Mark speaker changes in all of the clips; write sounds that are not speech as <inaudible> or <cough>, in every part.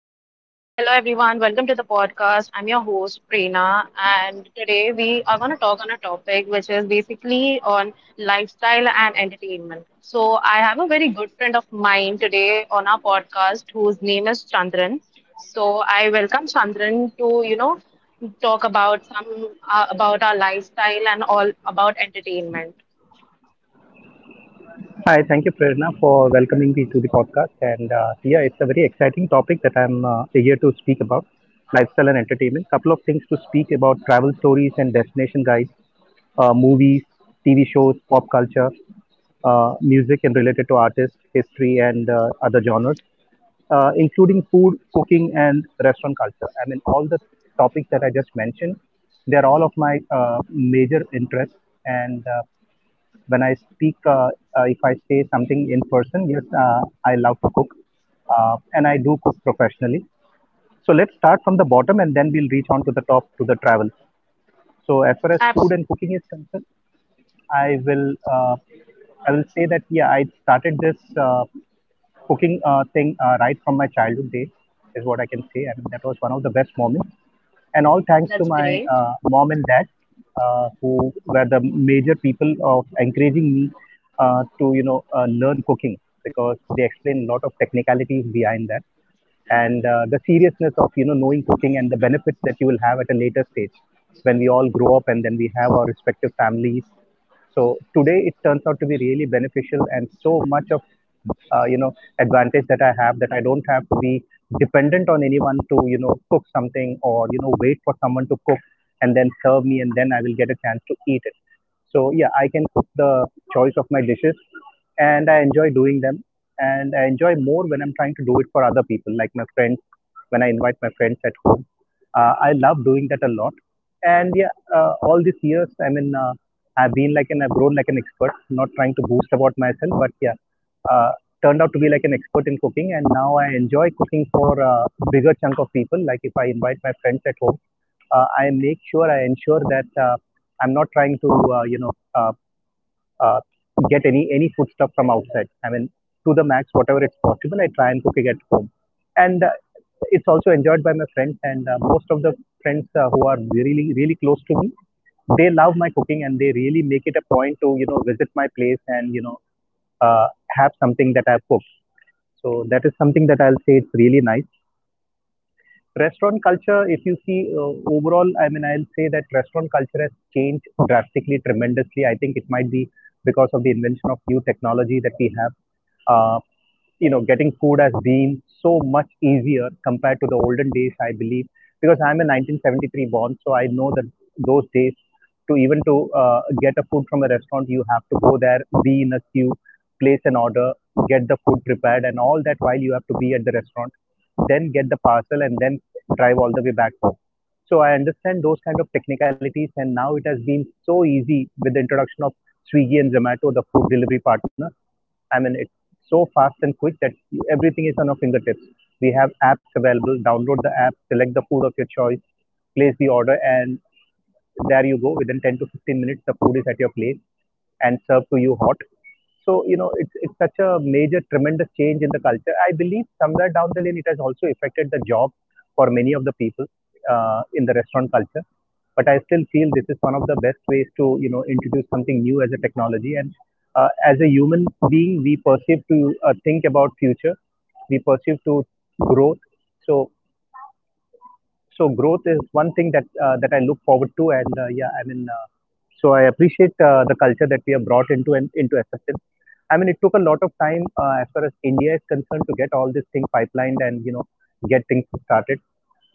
Speaker 1: Hello everyone, hello everyone. Welcome to the podcast. I'm your host Prerna, and today we are going to talk on a topic which is basically on lifestyle and entertainment. So I have a very good friend of mine today on our podcast whose name is Chandran. So I welcome Chandran to talk about some about our lifestyle and all about entertainment.
Speaker 2: Hi, thank you, Prerna, for welcoming me to the podcast. And here it's a very exciting topic that I'm here to speak about lifestyle and entertainment. Couple of things to speak about travel stories and destination guides, movies, TV shows, pop culture, music and related to artists, history, and other genres, including food, cooking, and restaurant culture. I mean, all the topics that I just mentioned, they're all of my major interests. And when I speak, if I say something in person, yes, I love to cook and I do cook professionally. So let's start from the bottom and then we'll reach on to the top to the travel. So as far as
Speaker 1: Abs-
Speaker 2: food and cooking is concerned, I will uh, I will say that yeah, I started this cooking thing right from my childhood days is what I can say. I mean, that was one of the best moments, and all thanks
Speaker 1: that's
Speaker 2: to my
Speaker 1: great.
Speaker 2: mom and dad, who were the major people of encouraging me to you know learn cooking, because they explained a lot of technicalities behind that and the seriousness of you know knowing cooking and the benefits that you will have at a later stage when we all grow up and then we have our respective families. So today it turns out to be really beneficial and so much of you know advantage that I have, that I don't have to be dependent on anyone to you know cook something or you know wait for someone to cook and then serve me and then I will get a chance to eat it. So yeah, I can cook the choice of my dishes and I enjoy doing them. And I enjoy more when I'm trying to do it for other people, like my friends, when I invite my friends at home. I love doing that a lot. And yeah, all these years, I mean, I've grown like an expert, not trying to boast about myself, but yeah, uh, turned out to be like an expert in cooking. And now I enjoy cooking for a bigger chunk of people. Like if I invite my friends at home, I make sure, I ensure that I'm not trying to, uh, get any food stuff from outside. I mean, to the max, whatever it's possible, I try and cook it at home, and it's also enjoyed by my friends and most of the friends who are really close to me. They love my cooking and they really make it a point to you know visit my place and you know have something that I've cooked. So that is something that I'll say it's really nice. Restaurant culture, if you see overall, I mean, I'll say that restaurant culture has changed drastically, tremendously. I think it might be because of the invention of new technology that we have. Uh, you know, getting food has been so much easier compared to the olden days, I believe, because I'm a 1973 born, so I know that those days, to even to get a food from a restaurant, you have to go there, be in a queue, place an order, get the food prepared, and all that while you have to be at the restaurant, then get the parcel and then drive all the way back home. So I understand those kind of technicalities, and now it has been so easy with the introduction of Swiggy and Zomato, the food delivery partners. I mean, it's so fast and quick that everything is on our fingertips. We have apps available, download the app, select the food of your choice, place the order, and there you go, within 10 to 15 minutes the food is at your place and served to you hot. So you know, it's such a major tremendous change in the culture. I believe somewhere down the lane it has also affected the job for many of the people in the restaurant culture, but I still feel this is one of the best ways to you know introduce something new as a technology. And as a human being, we perceive to think about future, we perceive to growth. So so growth is one thing that that I look forward to, and yeah, I mean, so I appreciate the culture that we have brought into and into SFN. I mean, it took a lot of time as far as India is concerned to get all this thing pipelined and you know get things started.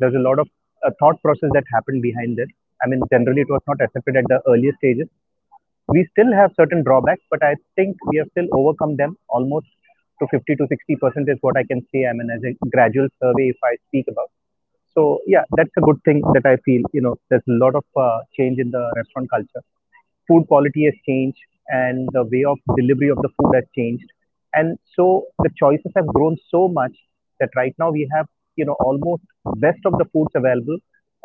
Speaker 2: There's a lot of thought process that happened behind this. I mean, generally it was not accepted at the earlier stages. We still have certain drawbacks, but I think we have still overcome them almost to 50 to 60% is what I can say. I mean, as a gradual survey, if I speak about. So yeah, that's a good thing that I feel. You know, there's a lot of change in the restaurant culture. Food quality has changed, and the way of delivery of the food has changed, and so the choices have grown so much that right now we have you know almost best of the foods available.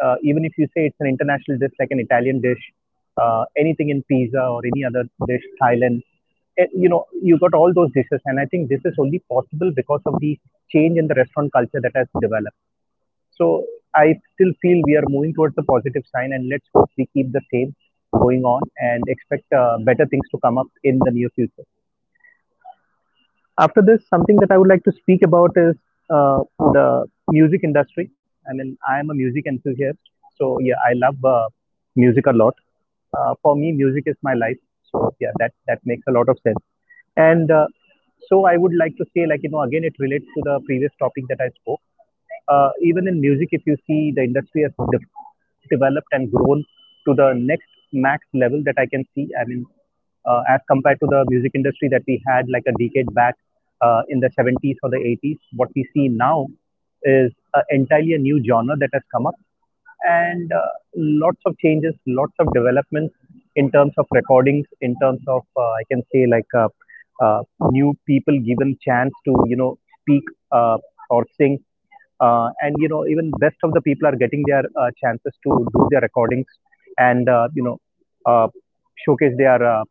Speaker 2: Even if you say it's an international dish like an Italian dish, anything in pizza or any other dish, Thailand, eh, you know you got all those dishes, and I think this is only possible because of the change in the restaurant culture that has developed. So I still feel we are moving towards the positive sign, and let's hope we keep the same going on and expect better things to come up in the near future. After this, something that I would like to speak about is the music industry. I mean, I am a music enthusiast, so yeah, I love music a lot. For me, music is my life, so yeah, that makes a lot of sense. And so I would like to say, like you know, again, it relates to the previous topic that I spoke. Even in music, if you see, the industry has developed and grown to the next max level that I can see. I mean, as compared to the music industry that we had like a decade back in the 70s or the 80s, what we see now is entirely a new genre that has come up, and lots of changes, lots of developments in terms of recordings, in terms of I can say like uh, new people given chance to you know speak uh, or sing, and you know even best of the people are getting their chances to do their recordings and you know uh, showcase their uh,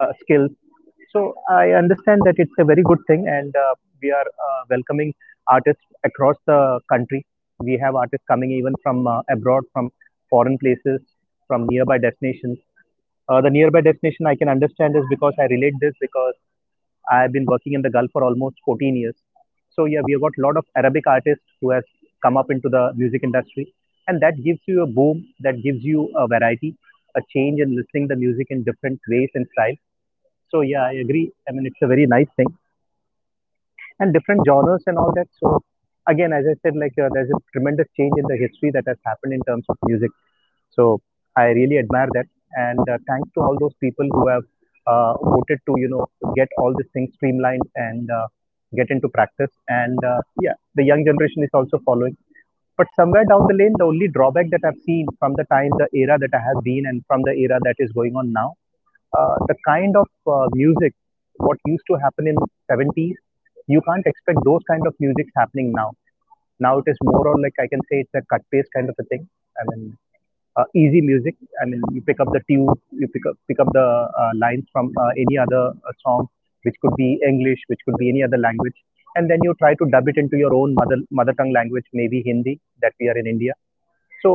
Speaker 2: uh, skills. So I understand that it's a very good thing, and we are welcoming artists across the country. We have artists coming even from abroad, from foreign places, from nearby destinations. The nearby destination I can understand is because I relate this because I've been working in the Gulf for almost 14 years. So yeah, we have got a lot of Arabic artists who has come up into the music industry, and that gives you a boom, that gives you a variety, a change in listening the music in different ways and styles. So yeah, I agree. I mean, it's a very nice thing, and different genres and all that. So again, as I said, like there's a tremendous change in the history that has happened in terms of music. So I really admire that, and thanks to all those people who have voted to you know get all these things streamlined and get into practice. And yeah, the young generation is also following. But somewhere down the lane, the only drawback that I've seen from the time, the era that I have been, and from the era that is going on now, the kind of music what used to happen in 70s, you can't expect those kind of musics happening now. Now it is more or like I can say it's a cut paste kind of a thing. I mean, easy music. I mean, you pick up the tune, you pick up the lines from any other song, which could be English, which could be any other language, and then you try to dub it into your own mother tongue language, maybe Hindi that we are in India, so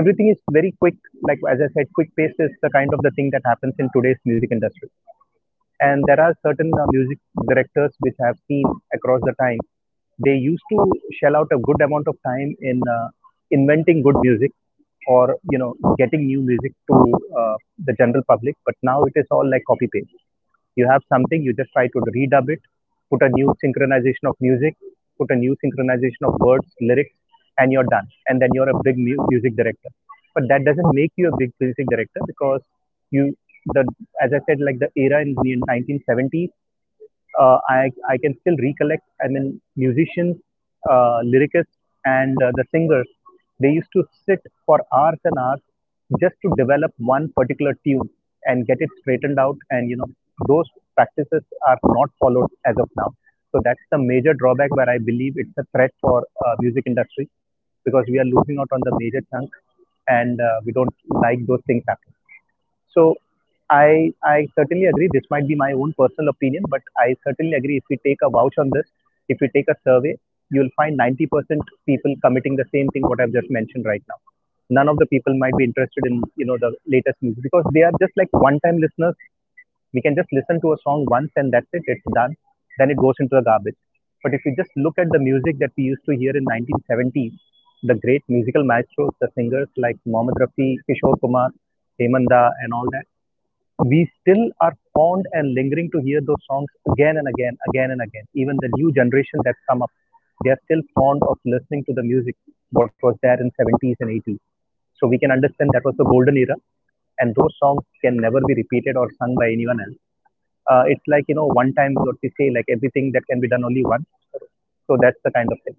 Speaker 2: everything is very quick. Like as I said, quick pace is the kind of the thing that happens in today's music industry, and there are certain music directors which I have seen across the time. They used to shell out a good amount of time in inventing good music or you know getting new music to the general public. But now it is all like copy paste. You have something, you just try to redub it, put a new synchronization of music, put a new synchronization of words, lyrics, and you're done. And then you're a big music director. But that doesn't make you a big music director because you the as I said, like the era in the 1970s, I can still recollect. I mean, musicians, lyricists, and the singers, they used to sit for hours and hours just to develop one particular tune and get it straightened out. And you know, those practices are not followed as of now. So that's the major drawback where I believe it's a threat for music industry, because we are losing out on the major chunk, and we don't like those things happening. So I certainly agree. This might be my own personal opinion, but I certainly agree. If we take a vouch on this, if we take a survey, you'll find 90% people committing the same thing what I've just mentioned right now. None of the people might be interested in the latest news because they are just like one-time listeners. We can just listen to a song once and that's it, it's done. Then it goes into the garbage. But if you just look at the music that we used to hear in 1970s, the great musical maestros, the singers like Mohammed Rafi, Kishore Kumar, Hemanda, and all that, we still are fond and lingering to hear those songs again and again, again and again. Even the new generation that's come up, they are still fond of listening to the music what was there in 70s and 80s. So we can understand that was the golden era, and those songs can never be repeated or sung by anyone else. It's like you know one time what we say, like everything that can be done only once. So that's the kind of thing.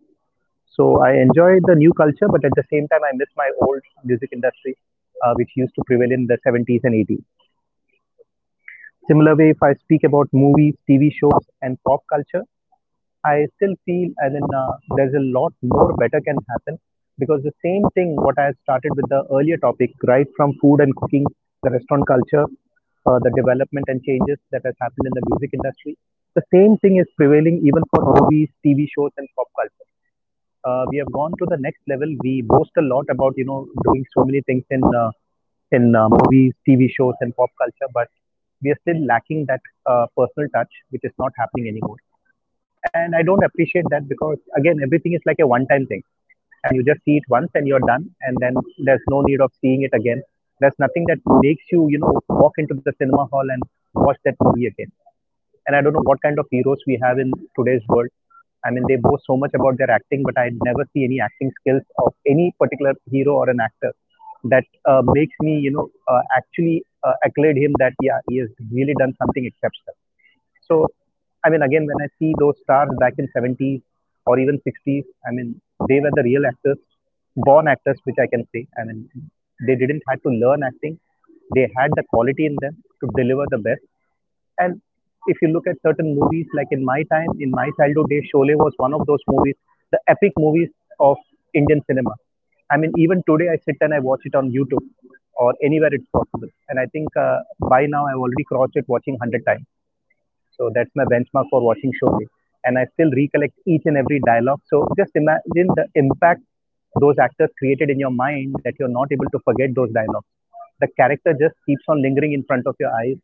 Speaker 2: So I enjoy the new culture, but at the same time I miss my old music industry, which used to prevail in the 70s and 80s. Similar way, if I speak about movies, TV shows, and pop culture, I still feel as in there's a lot more better can happen, because the same thing what I started with the earlier topic, right from food and cooking, the restaurant culture, the development and changes that has happened in the music industry. The same thing is prevailing even for movies, TV shows, and pop culture. We have gone to the next level. We boast a lot about doing so many things in movies, TV shows, and pop culture, but we are still lacking that personal touch, which is not happening anymore, and I don't appreciate that, because again everything is like a one time thing. I mean, you just see it once and you're done, and then there's no need of seeing it again. There's nothing that makes you you know walk into the cinema hall and watch that movie again. And I don't know what kind of heroes we have in today's world. I mean, they boast so much about their acting, but I never see any acting skills of any particular hero or an actor that makes me actually accolade him, that yeah, he has really done something exceptional. So, I mean, again, when I see those stars back in 70s or even 60s, I mean, they were the real actors, born actors, which I can say. I mean, they didn't have to learn acting; they had the quality in them to deliver the best. And if you look at certain movies, like in my time, in my childhood days, Sholay was one of those movies, the epic movies of Indian cinema. I mean, even today, I sit and I watch it on YouTube or anywhere it's possible. And I think by now I've already crossed it watching 100 times. So that's my benchmark for watching Sholay. And I still recollect each and every dialogue. So just imagine the impact those actors created in your mind, that you're not able to forget those dialogues. The character just keeps on lingering in front of your eyes,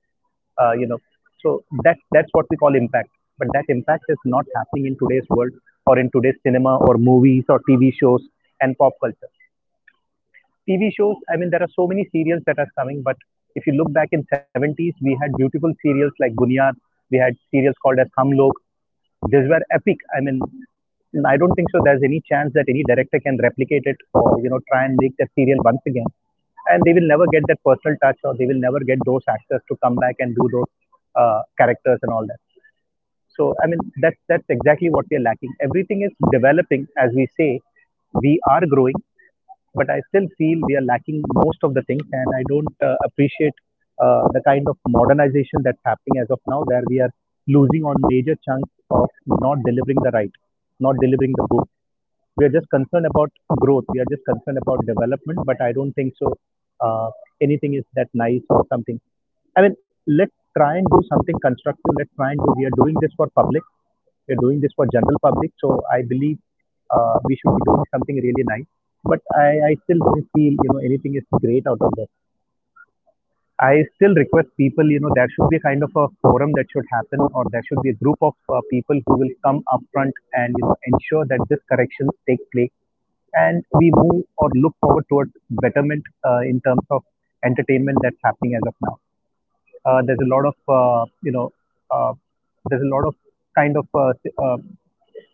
Speaker 2: uh, you know. So that's what we call impact. But that impact is not happening in today's world, or in today's cinema or movies or TV shows and pop culture. TV shows, I mean, there are so many serials that are coming, but if you look back in 70s, we had beautiful serials like Bunyad, we had serials called as Hum Log. These were epic. I mean, I don't think so there's any chance that any director can replicate it, or, you know, try and make that serial once again. And they will never get that personal touch, or they will never get those actors to come back and do those characters and all that. So, I mean, that's exactly what we are lacking. Everything is developing, as we say, we are growing, but I still feel we are lacking most of the things, and I don't appreciate the kind of modernization that's happening as of now, where we are losing on major chunks of not delivering the right, not delivering the good. We are just concerned about growth. We are just concerned about development, but I don't think so. Uh, Anything is that nice or something. I mean, let's try and do something constructive. Let's try and do. We are doing this for public. We are doing this for general public. So I believe we should be doing something really nice. But I still don't feel anything is great out of this. I still request people, you know, there should be a kind of a forum that should happen, or there should be a group of people who will come up front and ensure that this corrections take place, and we move or look forward towards betterment in terms of entertainment that's happening as of now. There's a lot of you know uh, there's a lot of kind of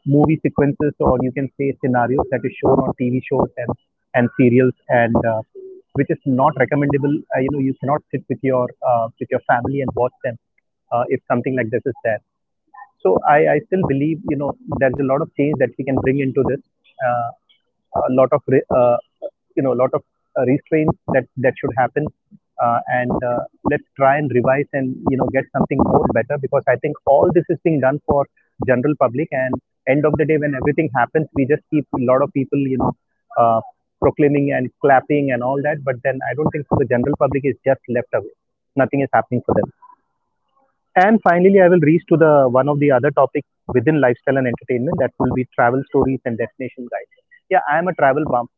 Speaker 2: movie sequences, or you can say scenarios, that is shown on TV shows and serials and which is not recommendable. You know, you cannot sit with your family and watch them if something like this is there. So I still believe, you know, there's a lot of change that we can bring into this. Uh, a lot of re- uh, a lot of restraints that should happen and Let's try and revise and you know get something more better, because I think all this is being done for general public, and end of the day when everything happens, we just keep a lot of people uh, proclaiming and clapping and all that, but then I don't think, for the general public is just left away, nothing is happening for them. And finally, I will reach to the one of the other topics within lifestyle and entertainment, that will be travel stories and destination guides. Yeah, I am a travel bum,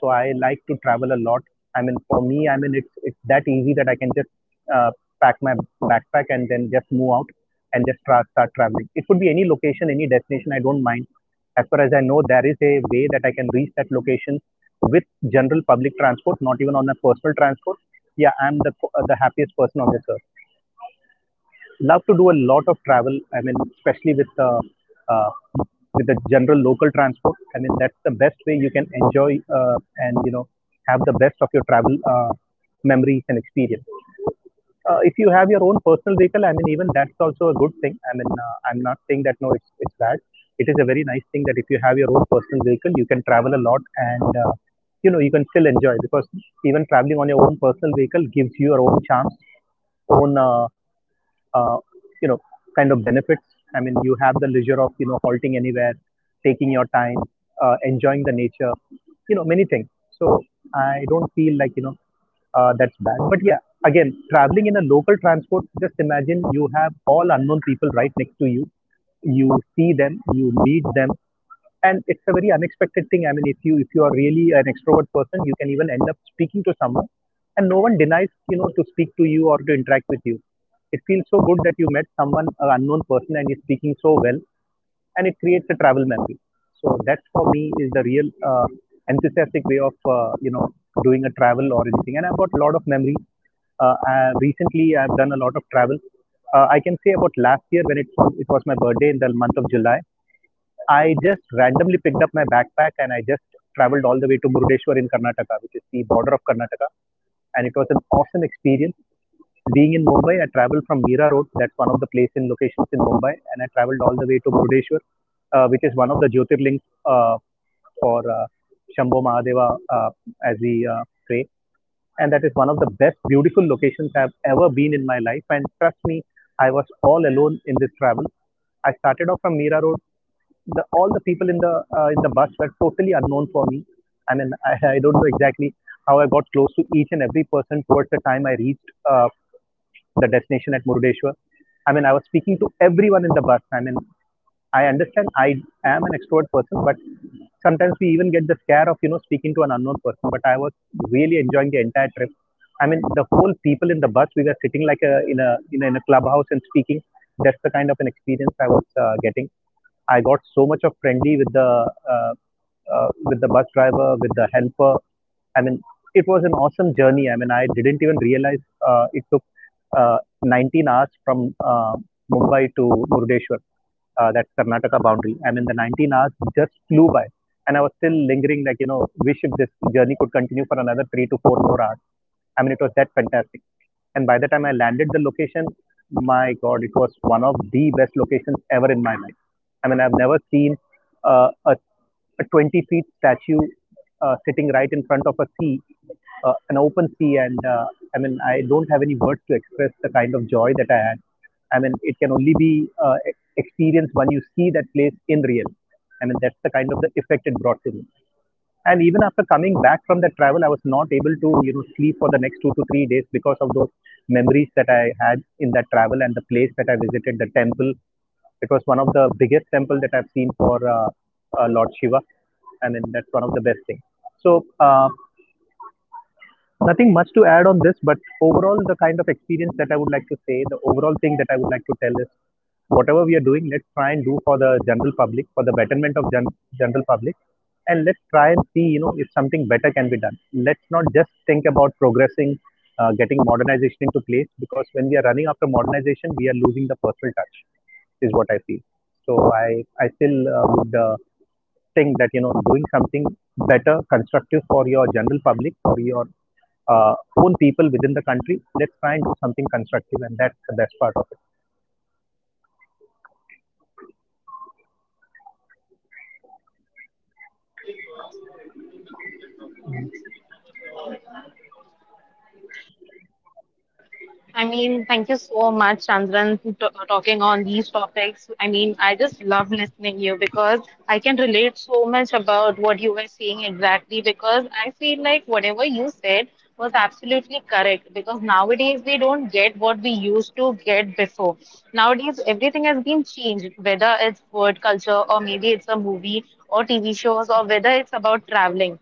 Speaker 2: so I like to travel a lot. I mean, for me, I mean it's that easy that I can just uh, pack my backpack and then just move out and just start traveling. It could be any location, any destination. I don't mind. As far as I know, there is a way that I can reach that location with general public transport, not even on a personal transport. Yeah, I'm the happiest person on this earth. Love to do a lot of travel. I mean, especially with the uh, general local transport. I mean, that's the best way you can enjoy and you know have the best of your travel memories and experience. If you have your own personal vehicle, I mean, even that's also a good thing. I mean, I'm not saying that no, it's bad. It is a very nice thing that if you have your own personal vehicle, you can travel a lot, and you know you can still enjoy, because even traveling on your own personal vehicle gives you your own chance, own uh, you know, kind of benefits. I mean, you have the leisure of you know halting anywhere, taking your time, enjoying the nature, you know, many things. So I don't feel like that's bad. But yeah, again, traveling in a local transport, just imagine you have all unknown people right next to you. You see them, you meet them, and it's a very unexpected thing. I mean, if you are really an extrovert person, you can even end up speaking to someone, and no one denies to speak to you or to interact with you. It feels so good that you met someone, an unknown person, and he's speaking so well, and it creates a travel memory. So that for me is the real enthusiastic way of doing a travel or anything. And I've got a lot of memories. Recently, I've done a lot of travel. I can say about last year when it was my birthday in the month of July. I just randomly picked up my backpack and I just traveled all the way to Murdeshwar in Karnataka, which is the border of Karnataka. And it was an awesome experience. Being in Mumbai, I traveled from Mira Road, that's one of the place in locations in Mumbai, and I traveled all the way to Murdeshwar, which is one of the Jyotirlings for Shambho Mahadeva as we pray. And that is one of the best beautiful locations I've ever been in my life. And trust me, I was all alone in this travel. I started off from Mira Road. The all the people in the bus were totally unknown for me. I mean, I don't know exactly how I got close to each and every person towards the time I reached the destination at Murudeshwar. I mean, I was speaking to everyone in the bus. I mean, I understand I am an extrovert person, but sometimes we even get the scare of speaking to an unknown person. But I was really enjoying the entire trip. I mean, the whole people in the bus, we were sitting like in a clubhouse and speaking. That's the kind of an experience I was getting. I got so much of friendly uh, with the bus driver, with the helper. I mean, it was an awesome journey. I mean, I didn't even realize it took 19 hours from Mumbai to Murdeshwar, that's Karnataka boundary. I mean, the 19 hours just flew by, and I was still lingering, like wish if this journey could continue for another three to four more hours. I mean, it was that fantastic. And by the time I landed the location, my God, it was one of the best locations ever in my life. I mean, I've never seen uh, a, a 20 feet statue sitting right in front of a sea, an open sea, and I mean, I don't have any words to express the kind of joy that I had. I mean, it can only be experienced when you see that place in real. I mean, that's the kind of the effect it brought to me. And even after coming back from that travel, I was not able to sleep for the next 2 to 3 days because of those memories that I had in that travel. And the place that I visited, the temple, it was one of the biggest temple that I've seen for Lord Shiva. And then that's one of the best things. so uh, Nothing much to add on this, but overall, the kind of experience that I would like to say, the overall thing that I would like to tell is whatever we are doing, let's try and do for the general public, for the betterment of general public, and let's try and see, you know, if something better can be done. Let's not just think about progressing, getting modernization into place, because when we are running after modernization, we are losing the personal touch, is what I feel. So I still would think that doing something better, constructive for your general public, for your own people within the country. Let's try and do something constructive, and that's the best part of it.
Speaker 1: I mean, thank you so much, Chandran, to talking on these topics. I mean, I just love listening you because I can relate so much about what you were saying exactly. Because I feel like whatever you said was absolutely correct. Because nowadays we don't get what we used to get before. Nowadays everything has been changed, whether it's food culture or maybe it's a movie or TV shows or whether it's about traveling.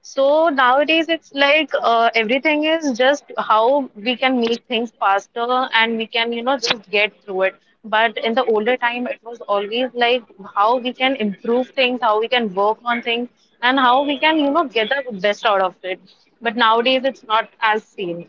Speaker 1: So nowadays, it's like everything is just how we can make things faster and we can, you know, just get through it. But in the older time, it was always like how we can improve things, how we can work on things, and how we can, you know, get the best out of it. But nowadays, it's not as same.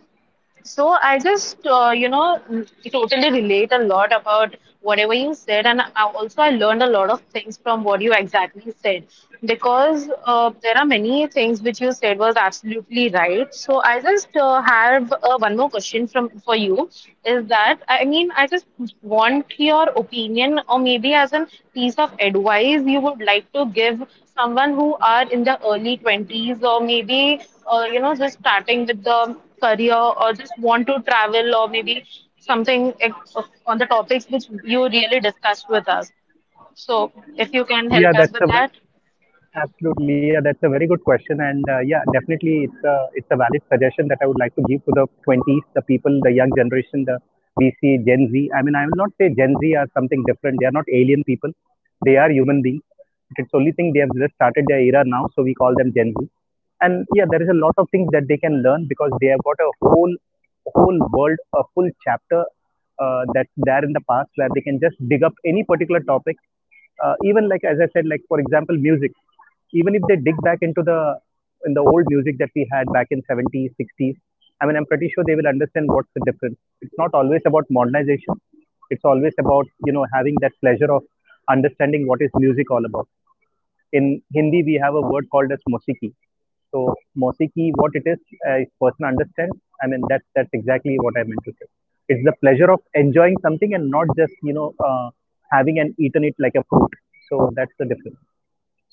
Speaker 1: So I just, you know, totally relate a lot about whatever you said, and also I learned a lot of things from what you exactly said because there are many things which you said was absolutely right. So I just have one more question from for you is that I mean I just want your opinion or maybe as a piece of advice you would like to give someone who are in the early 20s or maybe you know, just starting with the career or just want to travel or maybe on the topics which you really discussed with us. So, if you can help
Speaker 2: Yeah,
Speaker 1: us
Speaker 2: that's
Speaker 1: with
Speaker 2: a
Speaker 1: that.
Speaker 2: Absolutely, yeah, that's a very good question, and yeah, definitely, it's a valid suggestion that I would like to give to the twenties, the people, the young generation, the we see Gen Z. I mean, I will not say Gen Z are something different. They are not alien people. They are human beings. It's only thing they have just started their era now, so we call them Gen Z. And yeah, there is a lot of things that they can learn because they have got a whole whole world, a full chapter that's there in the past where they can just dig up any particular topic, even like as I said, like for example, music. Even if they dig back into the in the old music that we had back in 70s, 60s, I mean, I'm pretty sure they will understand what's the difference. It's not always about modernization. It's always about having that pleasure of understanding what is music all about. In Hindi, we have a word called as mosiki. So mosiki, what it is, if person understands, I mean that's exactly what I meant to say. It's the pleasure of enjoying something and not just having and eaten it like a fruit. So that's the difference.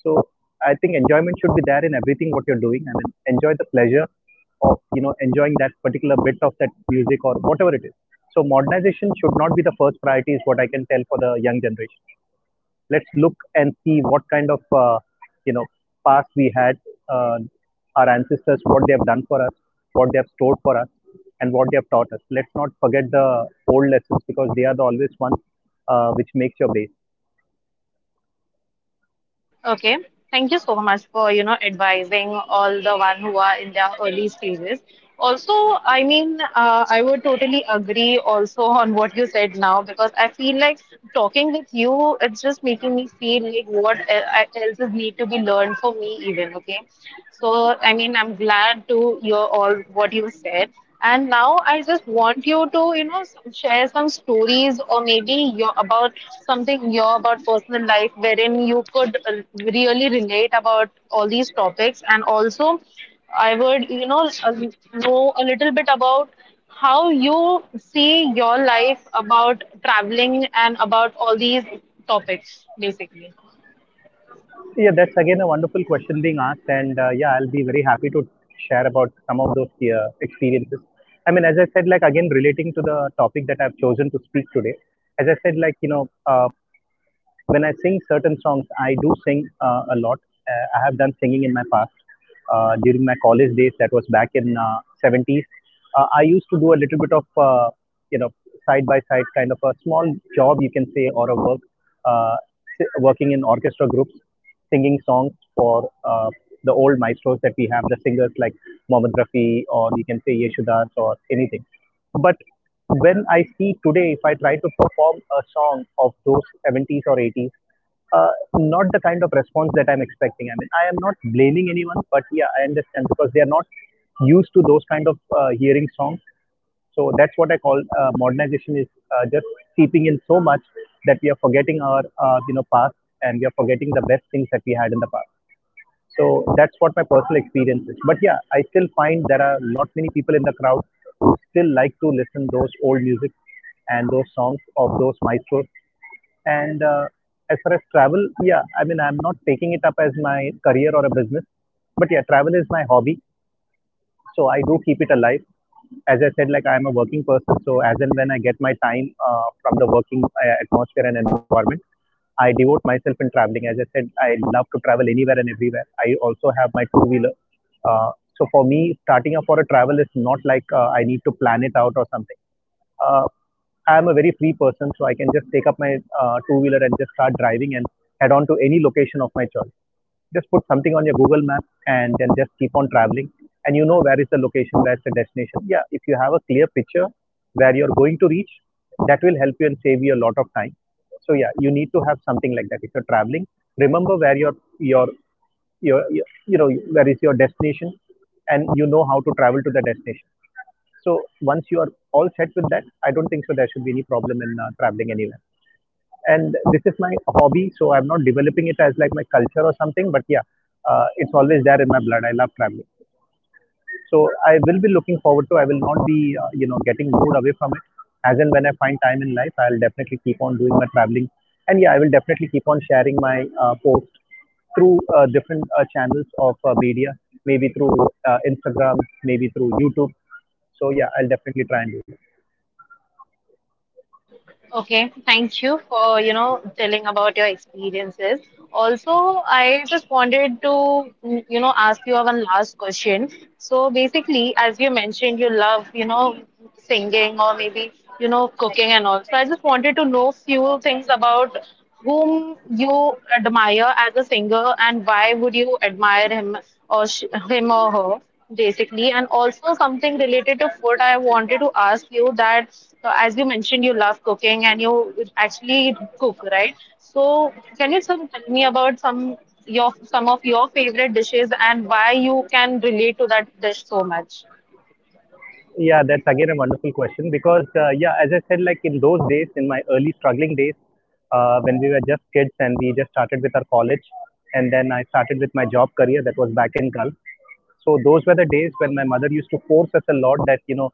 Speaker 2: So I think enjoyment should be there in everything what you're doing. I mean enjoy the pleasure of enjoying that particular bit of that music or whatever it is. So modernization should not be the first priority is what I can tell for the young generation. Let's look and see what kind of you know past we had, uh, our ancestors what they have done for us, what they have stored for us, and what they have taught us. Let's not forget the old lessons, because they are the always ones which makes your base.
Speaker 1: Okay. Thank you so much for, you know, advising all the one who are in their early stages. Also, I mean, I would totally agree also on what you said now because I feel like talking with you, it's just making me feel like what else is need to be learned for me even, okay? So, I mean, I'm glad to hear all what you said. And now I just want you to, you know, share some stories or maybe your about something your about personal life wherein you could really relate about all these topics. And also, I would, you know a little bit about how you see your life about traveling and about all these topics, basically.
Speaker 2: Yeah, that's again a wonderful question being asked, and yeah, I'll be very happy to share about some of those experiences. I mean as I said, like again relating to the topic that I've chosen to speak today. As I said, like when I sing certain songs, I do sing a lot. I have done singing in my past. During my college days, that was back in 70s, I used to do a little bit of, you know, side by side kind of a small job, you can say, or a work, uh, working in orchestra groups, singing songs for the old maestros that we have, the singers like Mohammad Rafi or you can say Yeshudas or anything. But when I see today, if I try to perform a song of those 70s or 80s, uh, not the kind of response that I'm expecting. I mean, I am not blaming anyone, but yeah, I understand because they are not used to those kind of hearing songs. So that's what I call modernization is just seeping in so much that we are forgetting our past, and we are forgetting the best things that we had in the past. So that's what my personal experience is. But yeah, I still find there are not many people in the crowd who still like to listen those old music and those songs of those maestros. And as far as travel, yeah, I mean I'm not taking it up as my career or a business, but yeah, travel is my hobby, so I do keep it alive. As I said, like I am a working person, so as and when I get my time from the working atmosphere and environment, I devote myself in traveling. As I said, I love to travel anywhere and everywhere. I also have my two wheeler, uh, so for me starting up for a travel is not like I need to plan it out or something. uh, I am a very free person, so I can just take up my two wheeler and just start driving and head on to any location of my choice. Just put something on your Google map and then just keep on traveling. And you know where is the location, where is the destination. Yeah, if you have a clear picture where you're going to reach, that will help you and save you a lot of time. So yeah, you need to have something like that. If you're traveling, remember where your where is your destination, and you know how to travel to the destination. So once you are all set with that, I don't think so there should be any problem in traveling anywhere, and this is my hobby, so I'm not developing it as like my culture or something, but yeah, it's always there in my blood. I love traveling, so I will not be getting moved away from it. As and when I find time in life, I'll definitely keep on doing my traveling. And yeah, I will definitely keep on sharing my post through different channels of media, maybe through Instagram, maybe through YouTube. So yeah, I'll definitely try and do that.
Speaker 1: Okay, thank you for, you know, telling about your experiences. Also, I just wanted to, you know, ask you one last question. So basically, as you mentioned, you love, you know, singing or maybe, you know, cooking and all. So I just wanted to know few things about whom you admire as a singer and why would you admire him or sh him or her? Basically, and also something related to food, I wanted to ask you that as you mentioned you love cooking and you actually cook, right? So can you tell me about some of your favorite dishes and why you can relate to that dish so much.
Speaker 2: Yeah, that's again a wonderful question because, yeah, as I said, like in those days, in my early struggling days, when we were just kids and we just started with our college, and then I started with my job career that was back in Gulf. So those were the days when my mother used to force us a lot that, you know,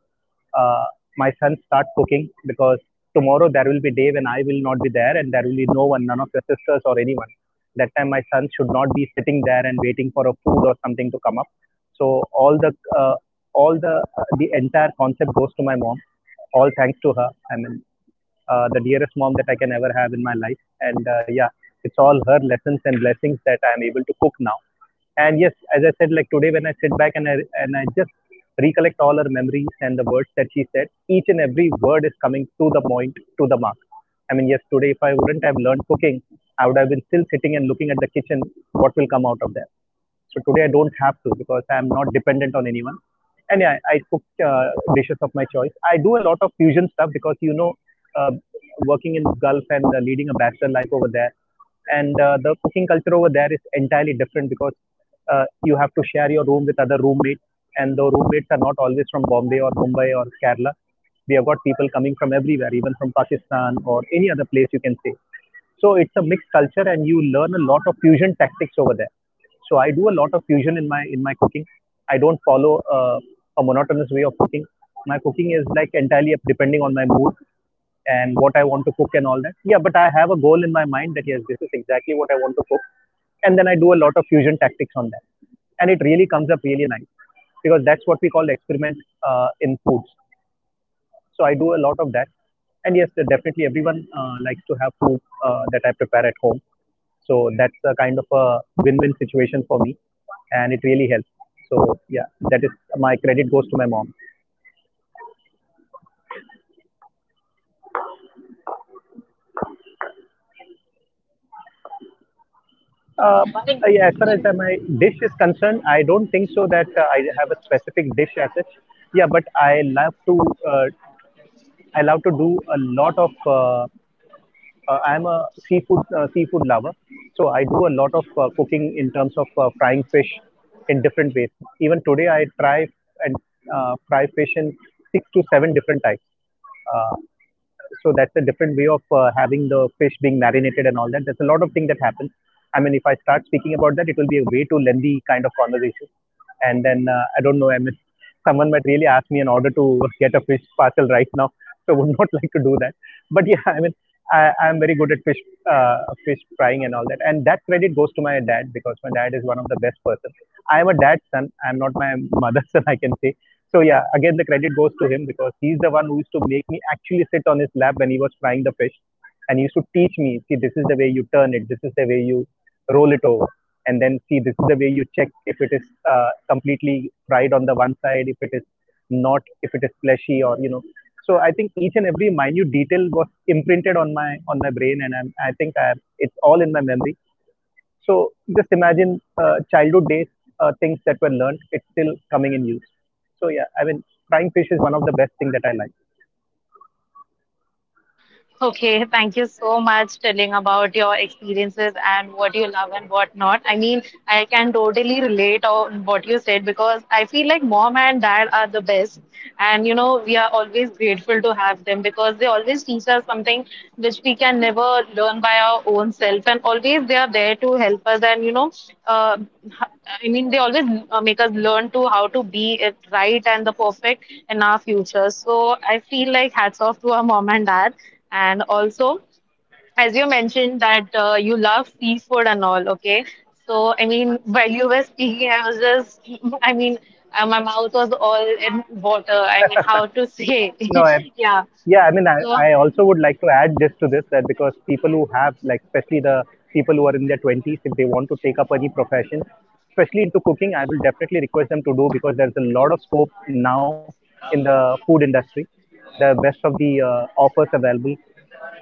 Speaker 2: uh, my son, start cooking because tomorrow there will be a day when I will not be there and there will be no one, none of your sisters or anyone. That time, my son should not be sitting there and waiting for a food or something to come up. So all the entire concept goes to my mom. All thanks to her. I mean, the dearest mom that I can ever have in my life. And yeah, it's all her lessons and blessings that I am able to cook now. And yes, as I said, like today when I sit back and I just recollect all her memories and the words that she said, each and every word is coming to the point, to the mark. I mean, yes, today if I wouldn't have learned cooking, I would have been still sitting and looking at the kitchen, what will come out of there. So today I don't have to because I'm not dependent on anyone. And yeah, I cook dishes of my choice. I do a lot of fusion stuff because, you know, uh, working in Gulf and leading a bachelor life over there, and the cooking culture over there is entirely different because you have to share your room with other roommates, and the roommates are not always from Bombay or Mumbai or Kerala. We have got people coming from everywhere, even from Pakistan or any other place you can say. So it's a mixed culture, and you learn a lot of fusion tactics over there. So I do a lot of fusion in my cooking. I don't follow a monotonous way of cooking. My cooking is like entirely up depending on my mood and what I want to cook and all that. Yeah, but I have a goal in my mind that yes, this is exactly what I want to cook, and then I do a lot of fusion tactics on that, and it really comes up really nice because that's what we call experiment in foods. So I do a lot of that. And yes, definitely everyone likes to have food that I prepare at home. So that's a kind of a win-win situation for me, and it really helps. So yeah, that is, my credit goes to my mom. Uh, yeah, as far as my dish is concerned, I don't think so that I have a specific dish as such. Yeah, but I love to uh, do a lot of I'm a seafood lover, so I do a lot of cooking in terms of frying fish in different ways. Even today, I try and fry fish in six to seven different types. Uh, so that's a different way of having the fish being marinated and all that. There's a lot of things that happen. I mean, if I start speaking about that, it will be a way too lengthy kind of conversation, and then I don't know. I mean, someone might really ask me in order to get a fish parcel right now, so I would not <laughs> like to do that. But yeah, I mean, I'm very good at fish, fish frying and all that, and that credit goes to my dad because my dad is one of the best person. I am a dad's son. I'm not my mother's <laughs> son, I can say. So yeah, again the credit goes to him because he's the one who used to make me actually sit on his lap when he was frying the fish, and he used to teach me, see, this is the way you turn it, this is the way you roll it over, and then see, this is the way you check if it is completely fried on the one side, if it is not, if it is fleshy, or you know. So I think each and every minute detail was imprinted on my brain, and I think it's all in my memory. So just imagine childhood days, things that were learned, it's still coming in use. So yeah, I mean, frying fish is one of the best thing that I like.
Speaker 1: Okay, thank you so much telling about your experiences and what you love and what not. I mean, I can totally relate on what you said because I feel like mom and dad are the best. And you know, we are always grateful to have them because they always teach us something which we can never learn by our own self. And always they are there to help us. And you know, uh, I mean, they always make us learn to how to be it right and the perfect in our future. So I feel like hats off to our mom and dad. And also, as you mentioned that you love seafood and all, okay, so I mean while you were speaking I was just <laughs> I mean my mouth was all in water, I mean how to say
Speaker 2: No,
Speaker 1: <laughs> yeah
Speaker 2: yeah, I mean,
Speaker 1: so.
Speaker 2: I also would like to add this to this that because people who have, like, especially the people who are in their 20s, if they want to take up any profession, especially into cooking, I will definitely request them to do because there's a lot of scope now in the food industry. The best of the offers available.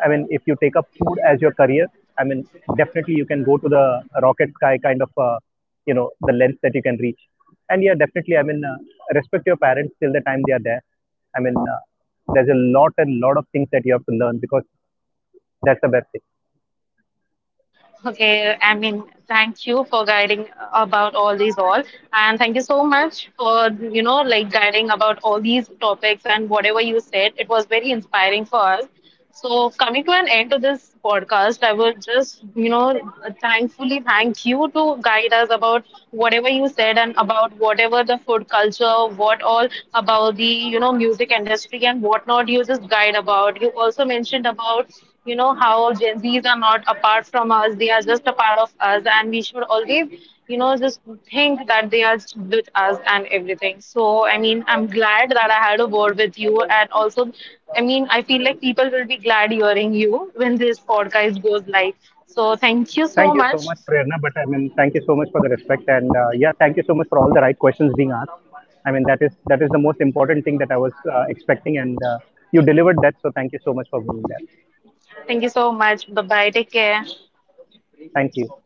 Speaker 2: I mean, if you take up food as your career, I mean, definitely you can go to the rocket sky kind of, you know, the length that you can reach. And yeah, definitely, I mean, respect your parents till the time they are there. I mean, there's a lot and lot of things that you have to learn because that's the best thing.
Speaker 1: Okay, I mean, thank you for guiding about all these all, and thank you so much for you know like guiding about all these topics and whatever you said. It was very inspiring for us. So coming to an end to this podcast, I would just you know thankfully thank you to guide us about whatever you said and about whatever the food culture, what all about the you know music industry and whatnot you just guide about. You also mentioned about, you know, how Gen Zs are not apart from us, they are just a part of us, and we should always, you know, just think that they are with us and everything. So, I mean, I'm glad that I had a word with you, and also, I mean, I feel like people will be glad hearing you when this podcast goes live. So, thank you
Speaker 2: Thank
Speaker 1: so
Speaker 2: you so
Speaker 1: much.
Speaker 2: much, Prerna. But I mean, thank you so much for the respect, and yeah, thank you so much for all the right questions being asked. I mean, that is the most important thing that I was expecting, and you delivered that. So thank you so much for being there.
Speaker 1: Thank you so much. Bye bye. Take care.
Speaker 2: Thank you.